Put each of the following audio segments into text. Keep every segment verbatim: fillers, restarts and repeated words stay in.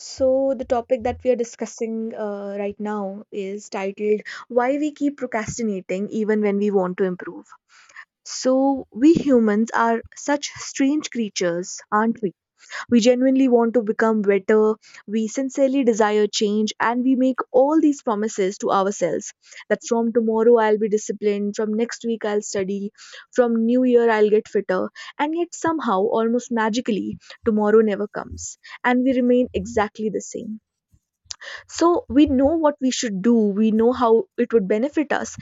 So, the topic that we are discussing uh, right now is titled Why We Keep Procrastinating Even When We Want to Improve. So, we humans are such strange creatures, aren't we? We genuinely want to become better, we sincerely desire change, and we make all these promises to ourselves that from tomorrow I'll be disciplined, from next week I'll study, from new year I'll get fitter, and yet somehow, almost magically, tomorrow never comes and we remain exactly the same. So we know what we should do, we know how it would benefit us.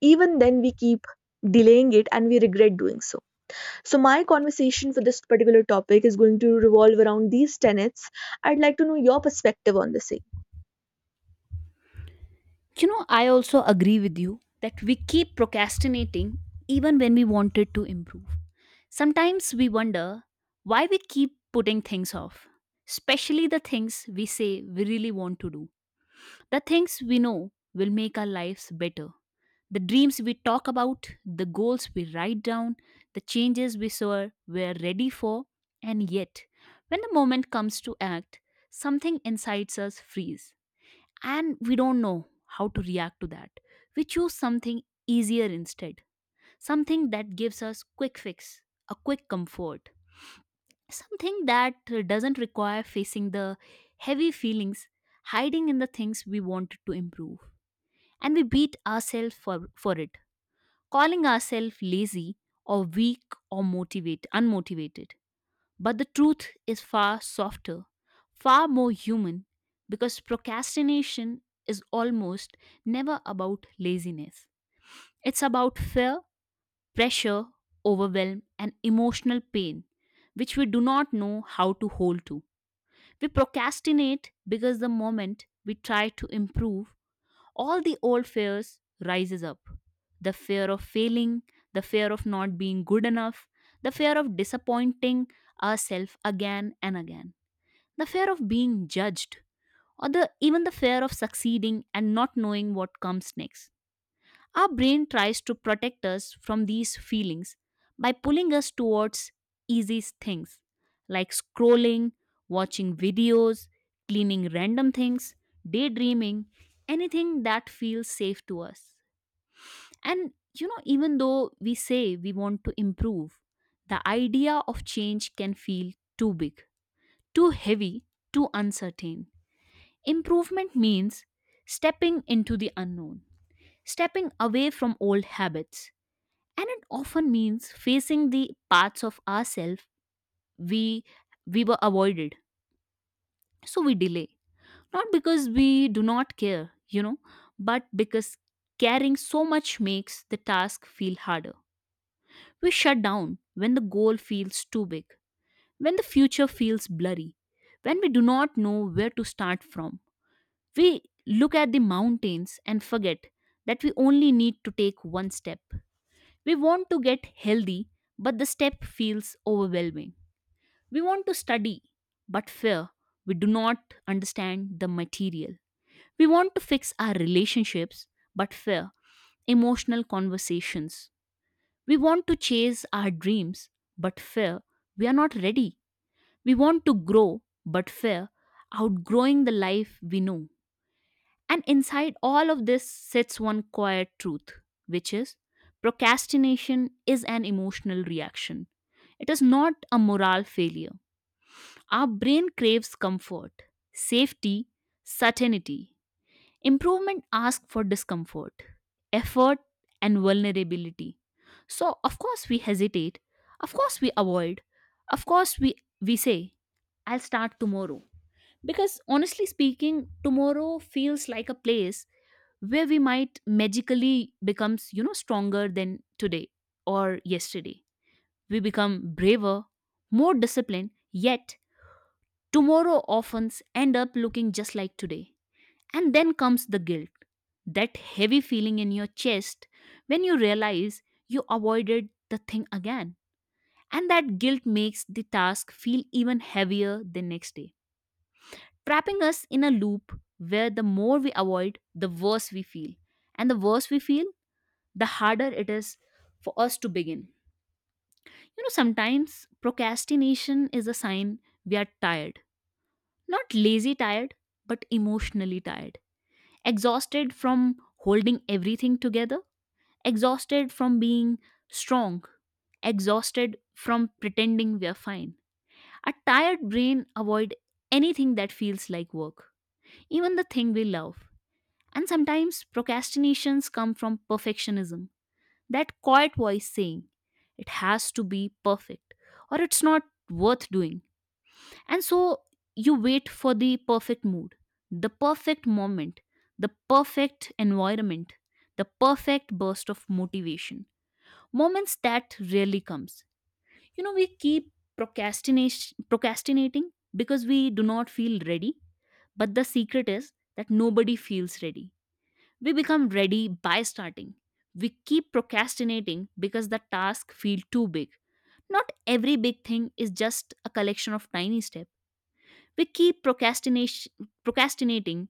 Even then, we keep delaying it and we regret doing so. So, my conversation for this particular topic is going to revolve around these tenets. I'd like to know your perspective on the same. You know, I also agree with you that we keep procrastinating even when we wanted to improve. Sometimes we wonder why we keep putting things off, especially the things we say we really want to do, the things we know will make our lives better, the dreams we talk about, the goals we write down, the changes we saw we're ready for, and yet, when the moment comes to act, something inside us freeze and we don't know how to react to that. We choose something easier instead, something that gives us quick fix, a quick comfort, something that uh, doesn't require facing the heavy feelings hiding in the things we wanted to improve. And we beat ourselves for, for it, calling ourselves lazy or weak or motivate unmotivated. But the truth is far softer, far more human, because procrastination is almost never about laziness. It's about fear, pressure, overwhelm, and emotional pain, which we do not know how to hold to. We procrastinate because the moment we try to improve, all the old fears rises up. The fear of failing, the fear of not being good enough, the fear of disappointing ourselves again and again, the fear of being judged, or the, even the fear of succeeding and not knowing what comes next. Our brain tries to protect us from these feelings by pulling us towards easy things like scrolling, watching videos, cleaning random things, daydreaming, anything that feels safe to us. And you know, even though we say we want to improve, the idea of change can feel too big, too heavy, too uncertain. Improvement means stepping into the unknown, stepping away from old habits, and it often means facing the parts of ourselves we we were avoided. So we delay. Not because we do not care, you know, but because caring so much makes the task feel harder. We shut down when the goal feels too big, when the future feels blurry, when we do not know where to start from. We look at the mountains and forget that we only need to take one step. We want to get healthy, but the step feels overwhelming. We want to study, but fear we do not understand the material. We want to fix our relationships, but fear emotional conversations. We want to chase our dreams, but fear we are not ready. We want to grow, but fear outgrowing the life we know. And inside all of this sits one quiet truth, which is procrastination is an emotional reaction. It is not a moral failure. Our brain craves comfort, safety, certainty. Improvement asks for discomfort, effort, and vulnerability. So, of course, we hesitate. Of course, we avoid. Of course, we, we say, I'll start tomorrow. Because honestly speaking, tomorrow feels like a place where we might magically becomes you know stronger than today, or yesterday we become braver, more disciplined, yet tomorrow often end up looking just like today. And then comes the guilt, that heavy feeling in your chest when you realize you avoided the thing again, and that guilt makes the task feel even heavier the next day, trapping us in a loop where the more we avoid the worse we feel, and the worse we feel the harder it is for us to begin. You know, sometimes procrastination is a sign we are tired. Not lazy tired, but emotionally tired. Exhausted from holding everything together, exhausted from being strong, exhausted from pretending we are fine. A tired brain avoid anything that feels like work, even the thing we love. And sometimes procrastinations come from perfectionism. That quiet voice saying, it has to be perfect or it's not worth doing. And so you wait for the perfect mood, the perfect moment, the perfect environment, the perfect burst of motivation. Moments that rarely comes. You know, we keep procrastination procrastinating because we do not feel ready, but the secret is that nobody feels ready. We become ready by starting. We keep procrastinating because the task feels too big. Not every big thing is just a collection of tiny steps. We keep procrastination procrastinating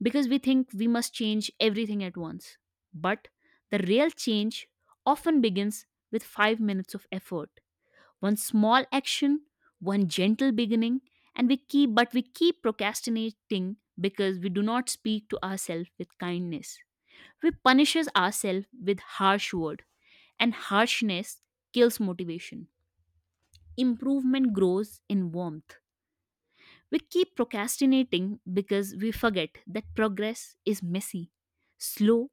because we think we must change everything at once. But the real change often begins with five minutes of effort. One small action, one gentle beginning. And we keep but we keep procrastinating because we do not speak to ourselves with kindness. We punishes ourselves with harsh word, and harshness kills motivation. Improvement grows in warmth. We keep procrastinating because we forget that progress is messy, slow,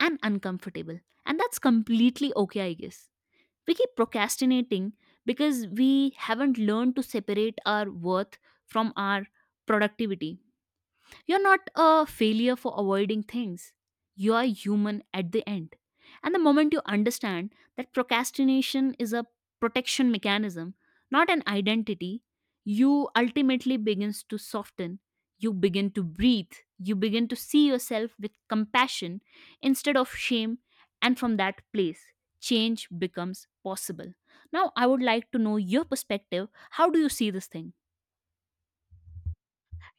and uncomfortable. And that's completely okay, I guess. We keep procrastinating because we haven't learned to separate our worth from our productivity. You're not a failure for avoiding things. You are human at the end. And the moment you understand that procrastination is a protection mechanism, not an identity, you ultimately begins to soften. You begin to breathe. You begin to see yourself with compassion instead of shame. And from that place, change becomes possible. Now, I would like to know your perspective. How do you see this thing?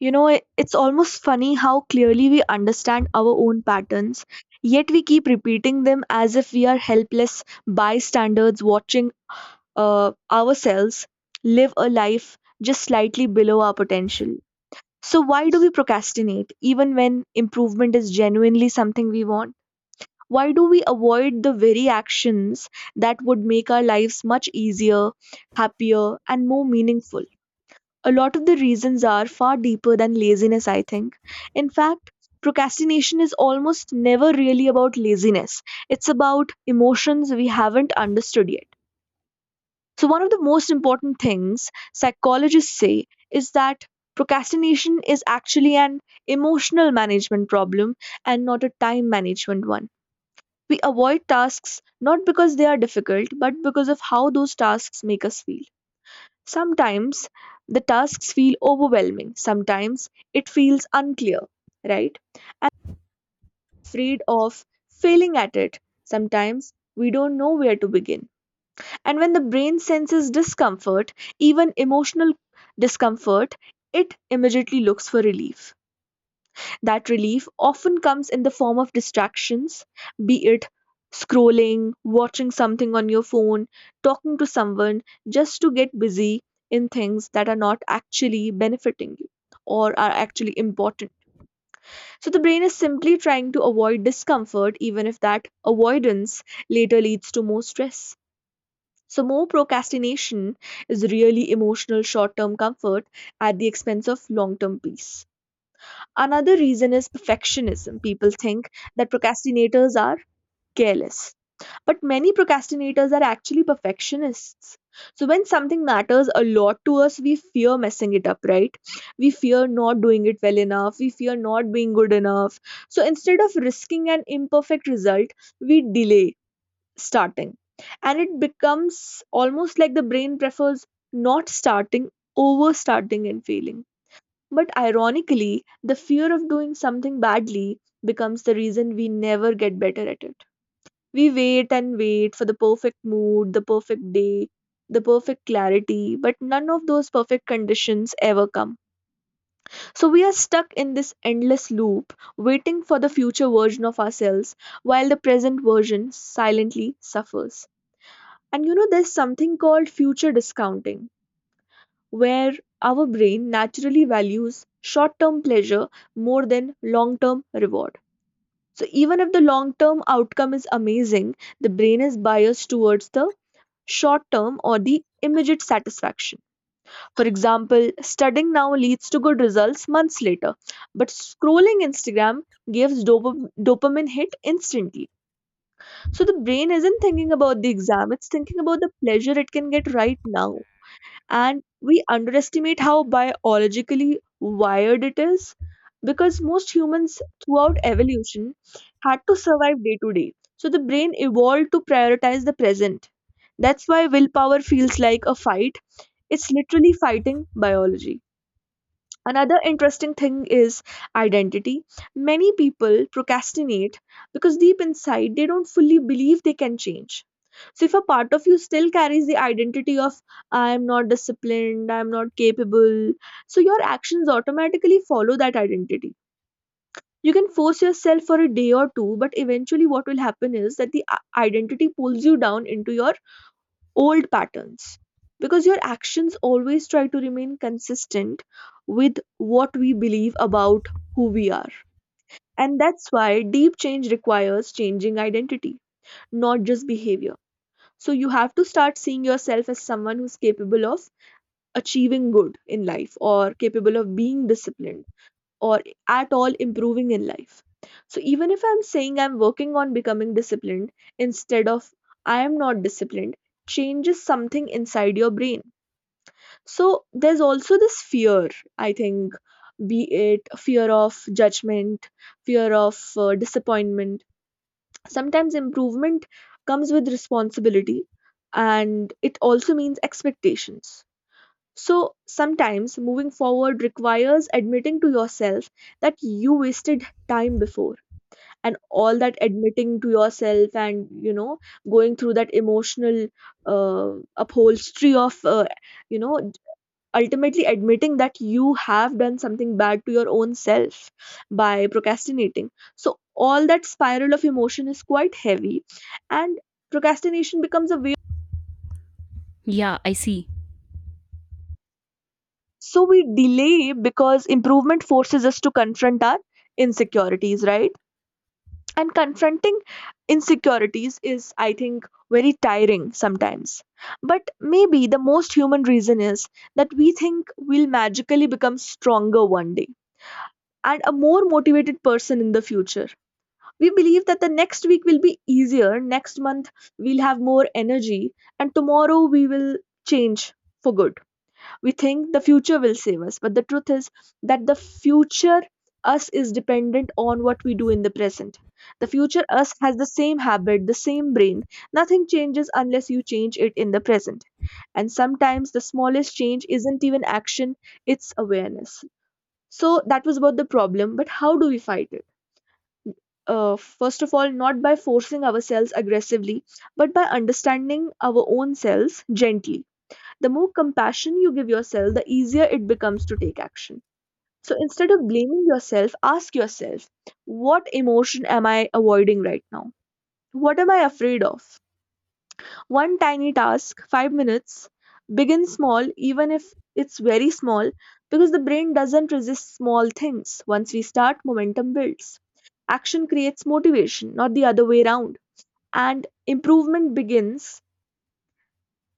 You know, it- it's almost funny how clearly we understand our own patterns, yet we keep repeating them as if we are helpless bystanders watching uh, ourselves live a life just slightly below our potential. So, why do we procrastinate even when improvement is genuinely something we want? Why do we avoid the very actions that would make our lives much easier, happier, and more meaningful? A lot of the reasons are far deeper than laziness, I think. In fact, procrastination is almost never really about laziness, it's about emotions we haven't understood yet. So, one of the most important things psychologists say is that procrastination is actually an emotional management problem and not a time management one. We avoid tasks not because they are difficult, but because of how those tasks make us feel. Sometimes the tasks feel overwhelming, sometimes it feels unclear, right? Afraid of failing at it. Sometimes we don't know where to begin. And when the brain senses discomfort, even emotional discomfort, it immediately looks for relief. That relief often comes in the form of distractions, be it scrolling, watching something on your phone, talking to someone, just to get busy in things that are not actually benefiting you or are actually important. So the brain is simply trying to avoid discomfort, even if that avoidance later leads to more stress. So, more procrastination is really emotional short term comfort at the expense of long term peace. Another reason is perfectionism. People think that procrastinators are careless, but many procrastinators are actually perfectionists. So, when something matters a lot to us, we fear messing it up, right? We fear not doing it well enough, we fear not being good enough. So, instead of risking an imperfect result, we delay starting. And it becomes almost like the brain prefers not starting over starting and failing. But ironically, the fear of doing something badly becomes the reason we never get better at it. We wait and wait for the perfect mood, the perfect day, the perfect clarity, but none of those perfect conditions ever come. So we are stuck in this endless loop, waiting for the future version of ourselves, while the present version silently suffers. And you know, there's something called future discounting, where our brain naturally values short term pleasure more than long term reward. So, even if the long term outcome is amazing, the brain is biased towards the short term or the immediate satisfaction. For example, studying now leads to good results months later, but scrolling Instagram gives dop- dopamine hit instantly. So the brain isn't thinking about the exam, it's thinking about the pleasure it can get right now. And we underestimate how biologically wired it is, because most humans throughout evolution had to survive day to day, so the brain evolved to prioritize the present. That's why willpower feels like a fight. It's literally fighting biology. Another interesting thing is identity. Many people procrastinate because deep inside they don't fully believe they can change. So, if a part of you still carries the identity of I am not disciplined, I am not capable, so your actions automatically follow that identity. You can force yourself for a day or two, but eventually, what will happen is that the i- identity pulls you down into your old patterns, because your actions always try to remain consistent with what we believe about who we are. And that's why deep change requires changing identity, not just behavior. So you have to start seeing yourself as someone who's capable of achieving good in life or capable of being disciplined or at all improving in life. So even if I'm saying I'm working on becoming disciplined instead of I am not disciplined, changes something inside your brain. So there's also this fear, I think, be it fear of judgment, fear of uh, disappointment. Sometimes improvement comes with responsibility and it also means expectations. So sometimes moving forward requires admitting to yourself that you wasted time before, and all that admitting to yourself, and you know going through that emotional uh, upholstery of uh, you know ultimately admitting that you have done something bad to your own self by procrastinating. So, all that spiral of emotion is quite heavy, and procrastination becomes a way. Yeah, I see. So, we delay because improvement forces us to confront our insecurities, right? And confronting insecurities is, I think, very tiring sometimes. But maybe the most human reason is that we think we'll magically become stronger one day and a more motivated person in the future. We believe that the next week will be easier, next month we'll have more energy, and tomorrow we will change for good. We think the future will save us, but the truth is that the future us is dependent on what we do in the present. The future us has the same habit, the same brain. Nothing changes unless you change it in the present. And sometimes the smallest change isn't even action, it's awareness. So that was about the problem, but how do we fight it? Uh, first of all, not by forcing ourselves aggressively, but by understanding our own selves gently. The more compassion you give yourself, the easier it becomes to take action. So instead of blaming yourself, ask yourself, what emotion am I avoiding right now? What am I afraid of? One tiny task, five minutes, begin small, even if it's very small, because the brain doesn't resist small things. Once we start, momentum builds. Action creates motivation, not the other way around. And improvement begins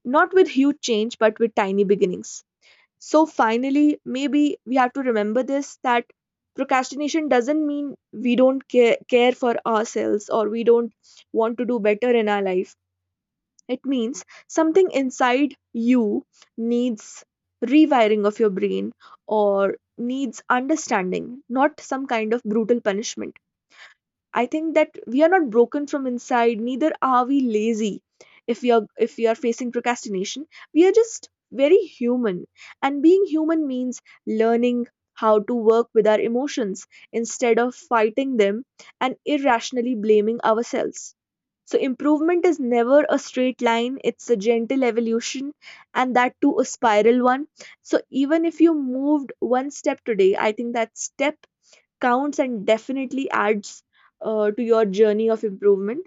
not with huge change, but with tiny beginnings. So, finally, maybe we have to remember this, that procrastination doesn't mean we don't care, care for ourselves or we don't want to do better in our life. It means something inside you needs rewiring of your brain or needs understanding, not some kind of brutal punishment. I think that we are not broken from inside, neither are we lazy. If we are if we are facing procrastination, we are just very human. And being human means learning how to work with our emotions instead of fighting them and irrationally blaming ourselves. So improvement is never a straight line, it's a gentle evolution, and that too a spiral one. So even if you moved one step today, I think that step counts and definitely adds uh, to your journey of improvement.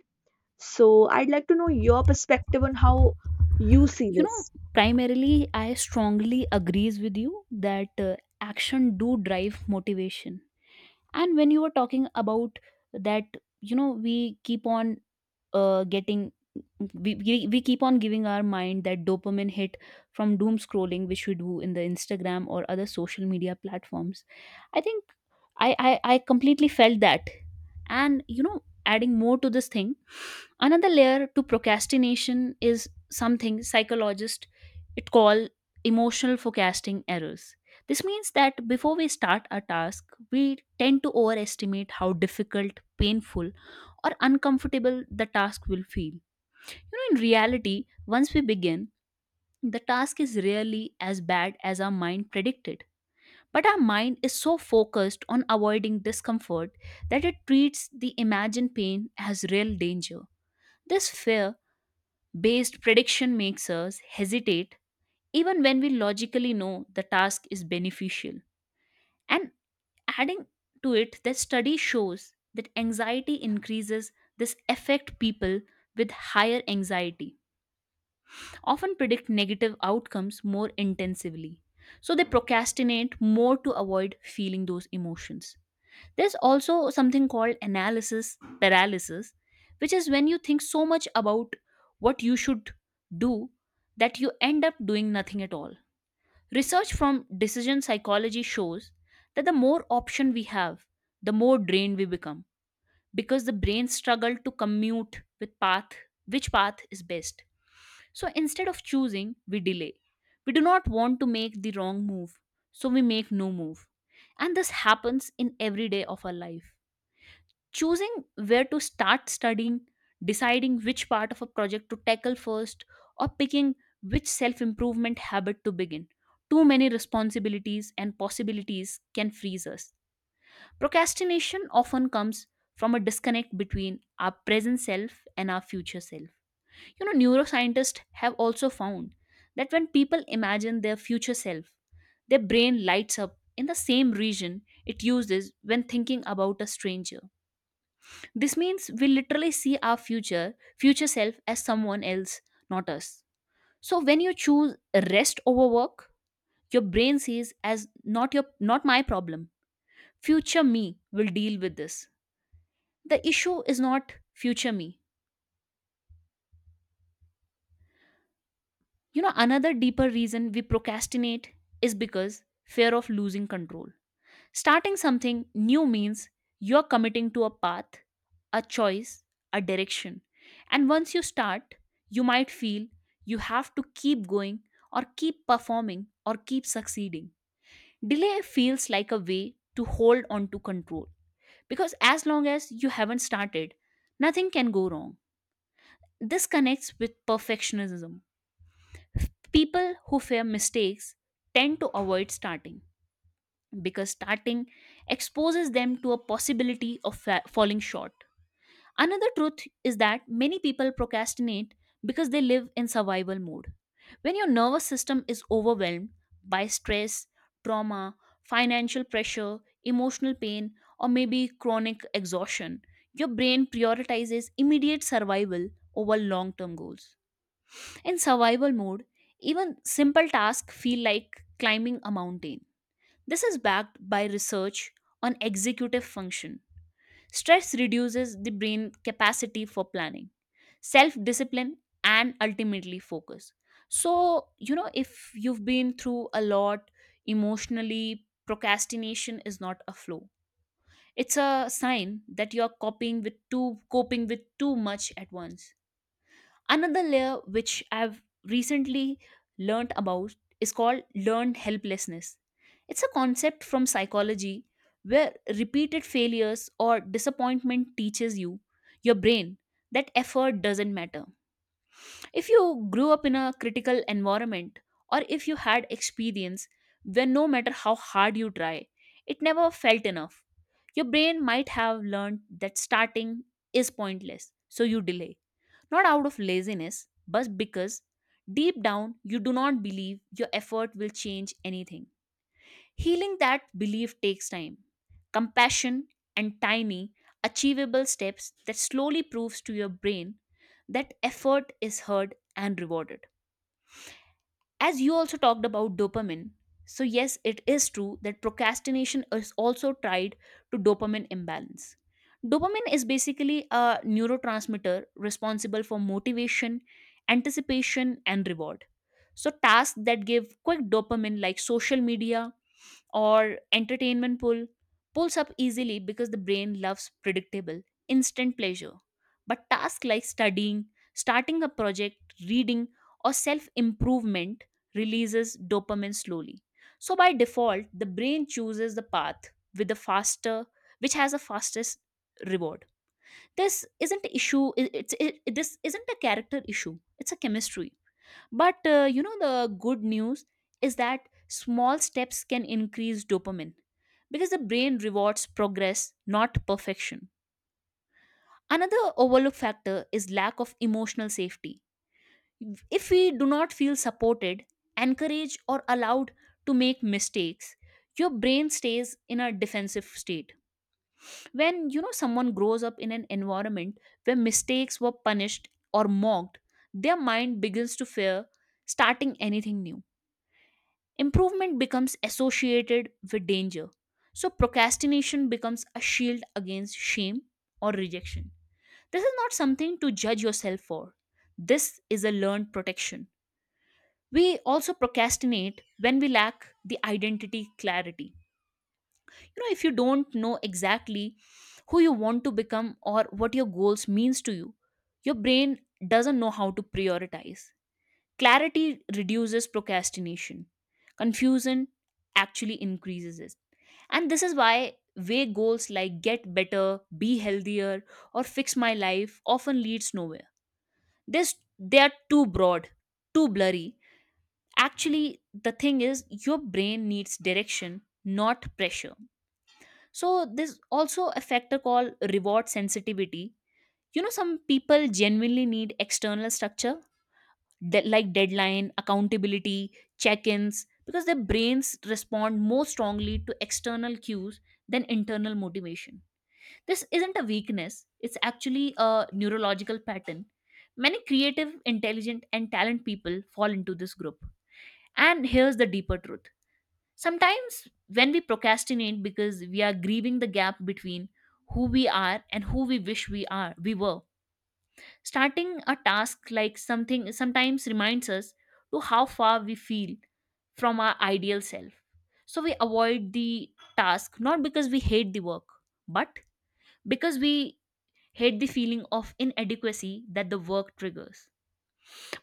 So, I'd like to know your perspective on how you see you know this. Primarily, I strongly agrees with you that uh, action do drive motivation. And when you were talking about that you know we keep on uh, getting, we, we, we keep on giving our mind that dopamine hit from doom scrolling which we do in the Instagram or other social media platforms, I think i i, I completely felt that. And you know adding more to this thing, another layer to procrastination is something psychologists it call emotional forecasting errors. This means that before we start a task, we tend to overestimate how difficult, painful, or uncomfortable the task will feel. You know in reality, once we begin, the task is rarely as bad as our mind predicted, but our mind is so focused on avoiding discomfort that it treats the imagined pain as real danger. This fear based prediction makes us hesitate even when we logically know the task is beneficial. And adding to it, the study shows that anxiety increases this affect. People with higher anxiety often predict negative outcomes more intensively, so they procrastinate more to avoid feeling those emotions. There's also something called analysis paralysis, which is when you think so much about what you should do that you end up doing nothing at all. Research from decision psychology shows that the more option we have, the more drained we become because the brain struggle to commute with path, which path is best. So instead of choosing, we delay. We do not want to make the wrong move, so we make no move. And this happens in every day of our life: choosing where to start studying, deciding which part of a project to tackle first, or picking which self improvement habit to begin. Too many responsibilities and possibilities can freeze us. Procrastination often comes from a disconnect between our present self and our future self. You know, neuroscientists have also found that when people imagine their future self, their brain lights up in the same region it uses when thinking about a stranger. This means we literally see our future, future self as someone else, not us. So when you choose rest over work, your brain sees as not your not my problem. Future me will deal with this. The issue is not future me. You know another deeper reason we procrastinate is because fear of losing control. Starting something new means you're committing to a path, a choice, a direction. And once you start, you might feel you have to keep going or keep performing or keep succeeding. Delay feels like a way to hold on to control, because as long as you haven't started, nothing can go wrong. This connects with perfectionism. People who fear mistakes tend to avoid starting, because starting exposes them to a possibility of fa- falling short. Another truth is that many people procrastinate because they live in survival mode. When your nervous system is overwhelmed by stress, trauma, financial pressure, emotional pain, or maybe chronic exhaustion, your brain prioritizes immediate survival over long term goals. In survival mode, even simple tasks feel like climbing a mountain. This is backed by research on executive function. Stress reduces the brain capacity for planning, self discipline, and ultimately focus. So, you know, if you've been through a lot emotionally, procrastination is not a flaw. It's a sign that you're coping with too coping with too much at once. Another layer which I've recently learnt about is called learned helplessness. It's a concept from psychology where repeated failures or disappointment teaches you, your brain, that effort doesn't matter. If you grew up in a critical environment, or if you had experience where no matter how hard you try, it never felt enough, your brain might have learned that starting is pointless, so you delay not out of laziness, but because deep down you do not believe your effort will change anything. Healing that belief takes time, compassion, and tiny, achievable steps that slowly proves to your brain that effort is heard and rewarded. As you also talked about dopamine, so yes, it is true that procrastination is also tied to dopamine imbalance. Dopamine is basically a neurotransmitter responsible for motivation, anticipation and reward. So tasks that give quick dopamine like social media or entertainment pull pulls up easily because the brain loves predictable, instant pleasure. But tasks like studying, starting a project, reading, or self improvement releases dopamine slowly. So by default, the brain chooses the path with the faster, which has the fastest reward. This isn't issue. i- It's it, this isn't a character issue. It's a chemistry, but uh, you know, the good news is that small steps can increase dopamine because the brain rewards progress, not perfection. Another overlook factor is lack of emotional safety. If we do not feel supported, encouraged, or allowed to make mistakes, your brain stays in a defensive state. When you know someone grows up in an environment where mistakes were punished or mocked, their mind begins to fear starting anything new. Improvement becomes associated with danger. So procrastination becomes a shield against shame or rejection. This is not something to judge yourself for. This is a learned protection. We also procrastinate when we lack the identity clarity. You know, if you don't know exactly who you want to become or what your goals means to you, your brain doesn't know how to prioritize. Clarity reduces procrastination, confusion actually increases it. And this is why vague goals like get better, be healthier, or fix my life often leads nowhere. This they are too broad, too blurry. Actually, the thing is your brain needs direction, not pressure. So there's also a factor called reward sensitivity. You know, some people genuinely need external structure de- like deadline, accountability, check ins, because their brains respond more strongly to external cues than internal motivation. This isn't a weakness, it's actually a neurological pattern. Many creative, intelligent, and talented people fall into this group. And here's the deeper truth, sometimes when we procrastinate because we are grieving the gap between who we are and who we wish we are we were. Starting a task like something sometimes reminds us to how far we feel from our ideal self. So we avoid the task not because we hate the work, but because we hate the feeling of inadequacy that the work triggers.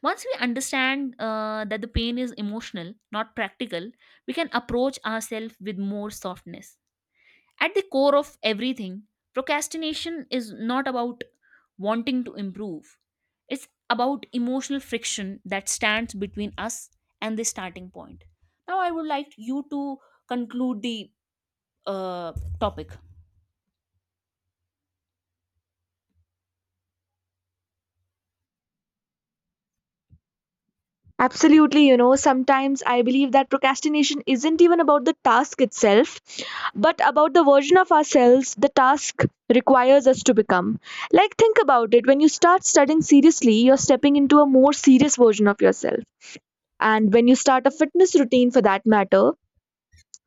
Once we understand uh, that the pain is emotional, not practical, we can approach ourselves with more softness. At the core of everything, procrastination is not about wanting to improve, it's about emotional friction that stands between us and the starting point. Now, I would like you to conclude the uh, topic. Absolutely, you know, sometimes I believe that procrastination isn't even about the task itself, but about the version of ourselves the task requires us to become. Like, think about it, when you start studying seriously, you're stepping into a more serious version of yourself. And when you start a fitness routine for that matter,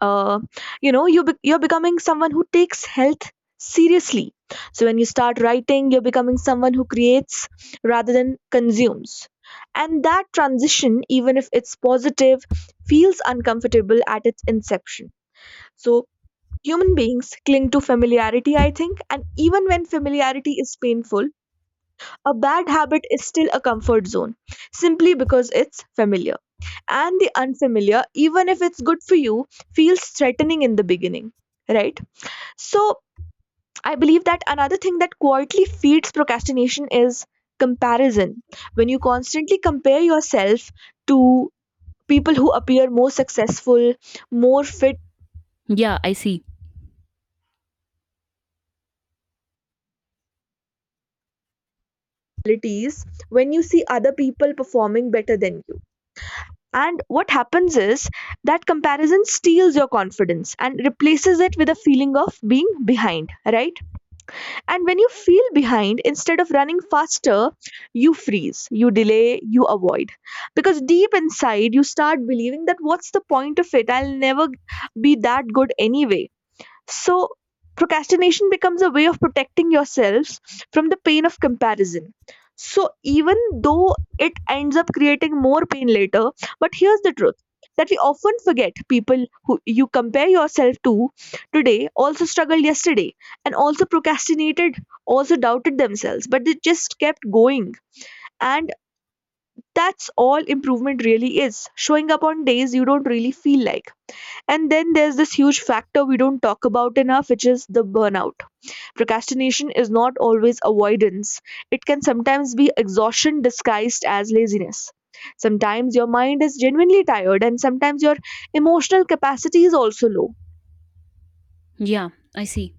uh, you know you be- you're becoming someone who takes health seriously. So when you start writing, you're becoming someone who creates rather than consumes. And that transition, even if it's positive, feels uncomfortable at its inception. So human beings cling to familiarity, I think, and even when familiarity is painful, a bad habit is still a comfort zone, simply because it's familiar. And the unfamiliar, even if it's good for you, feels threatening in the beginning, right? So, I believe that another thing that quietly feeds procrastination is comparison. When you constantly compare yourself to people who appear more successful, more fit Yeah, I see. qualities, when you see other people performing better than you. And what happens is that comparison steals your confidence and replaces it with a feeling of being behind, right? And when you feel behind, instead of running faster, you freeze, you delay, you avoid. Because deep inside, you start believing that what's the point of it? I'll never be that good anyway. So, procrastination becomes a way of protecting yourselves from the pain of comparison. So, even though it ends up creating more pain later, but here's the truth that we often forget: people who you compare yourself to today also struggled yesterday and also procrastinated, also doubted themselves, but they just kept going. And that's all improvement really is, showing up on days you don't really feel like. And then there's this huge factor we don't talk about enough, which is the burnout. Procrastination is not always avoidance, it can sometimes be exhaustion disguised as laziness. Sometimes your mind is genuinely tired, and sometimes your emotional capacity is also low. Yeah, I see.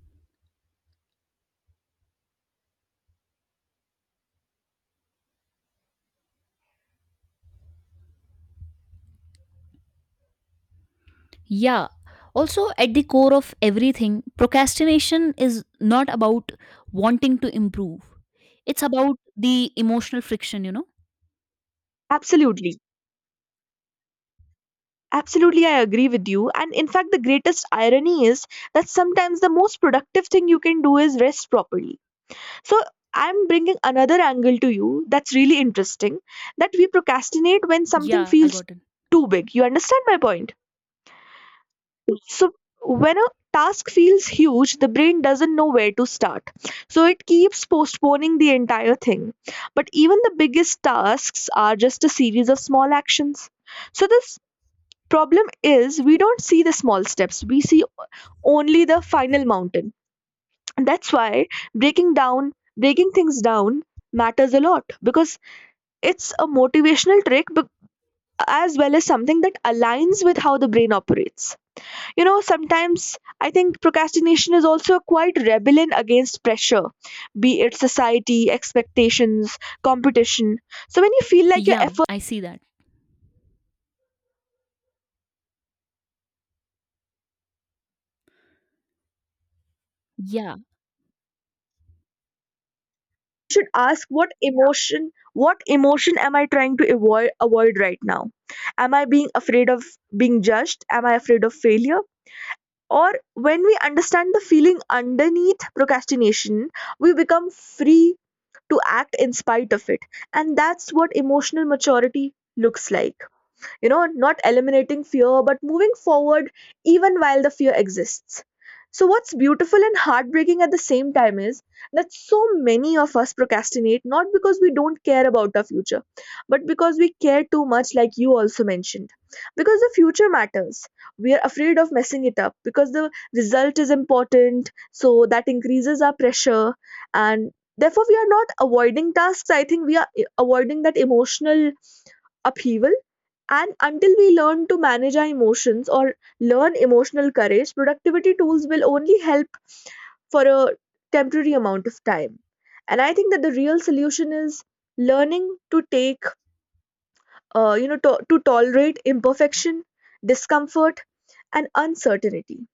Yeah. Also, at the core of everything, procrastination is not about wanting to improve. It's about the emotional friction, you know? Absolutely. Absolutely, I agree with you. And in fact, the greatest irony is that sometimes the most productive thing you can do is rest properly. So I'm bringing another angle to you that's really interesting, that we procrastinate when something Yeah, I feels got it. too big. You understand my point? So when a task feels huge, the brain doesn't know where to start. So it keeps postponing the entire thing. But even the biggest tasks are just a series of small actions. So this problem is we don't see the small steps. We see only the final mountain. And that's why breaking down, breaking things down matters a lot, because it's a motivational trick, but as well as something that aligns with how the brain operates. You know, sometimes I think procrastination is also quite rebellion against pressure, be it society, expectations, competition. So when you feel like your Yeah, effort I see that. Yeah. should ask, what emotion what emotion am I trying to avoid avoid right now? Am I being afraid of being judged? Am I afraid of failure? Or when we understand the feeling underneath procrastination, we become free to act in spite of it. And that's what emotional maturity looks like, you know, not eliminating fear but moving forward even while the fear exists. So what's beautiful and heartbreaking at the same time is that so many of us procrastinate not because we don't care about our future, but because we care too much, like you also mentioned. Because the future matters, we are afraid of messing it up, because the result is important. So that increases our pressure, and therefore we are not avoiding tasks, I think. We are eh, avoiding that emotional upheaval. And until we learn to manage our emotions or learn emotional courage, productivity tools will only help for a temporary amount of time. And I think that the real solution is learning to take, uh, you know, to, to tolerate imperfection, discomfort, and uncertainty.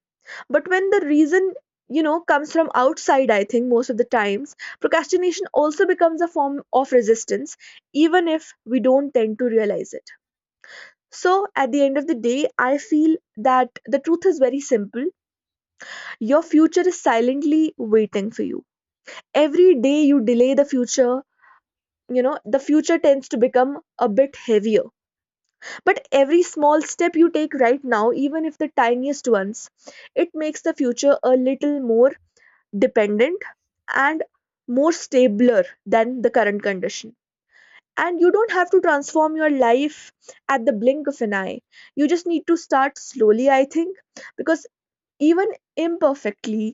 But when the reason, you know, comes from outside, I think most of the times, procrastination also becomes a form of resistance, even if we don't tend to realize it. So at the end of the day, I feel that the truth is very simple. Your future is silently waiting for you. Every day you delay the future, you know, the future tends to become a bit heavier. But every small step you take right now, even if the tiniest ones, it makes the future a little more dependent and more stabler than the current condition. And you don't have to transform your life at the blink of an eye. You just need to start slowly, I think. Because even imperfectly,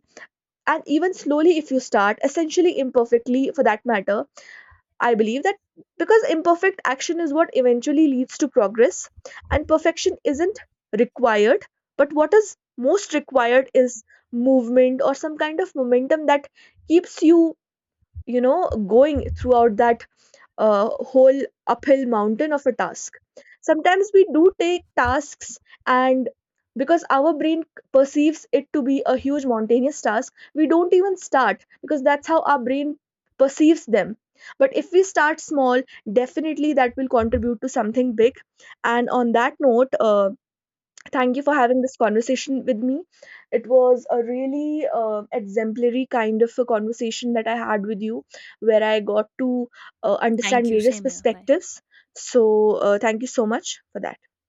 and even slowly, if you start essentially imperfectly for that matter, I believe that, because imperfect action is what eventually leads to progress, and perfection isn't required. But what is most required is movement, or some kind of momentum that keeps you, you know, going throughout that a whole uphill mountain of a task. Sometimes we do take tasks, and because our brain perceives it to be a huge mountainous task, we don't even start, because that's how our brain perceives them. But if we start small, definitely that will contribute to something big. And on that note, uh, thank you for having this conversation with me. It was a really uh, exemplary kind of a conversation that I had with you, where I got to uh, understand Thank you. various Same here. Bye. perspectives. So, uh, thank you so much for that.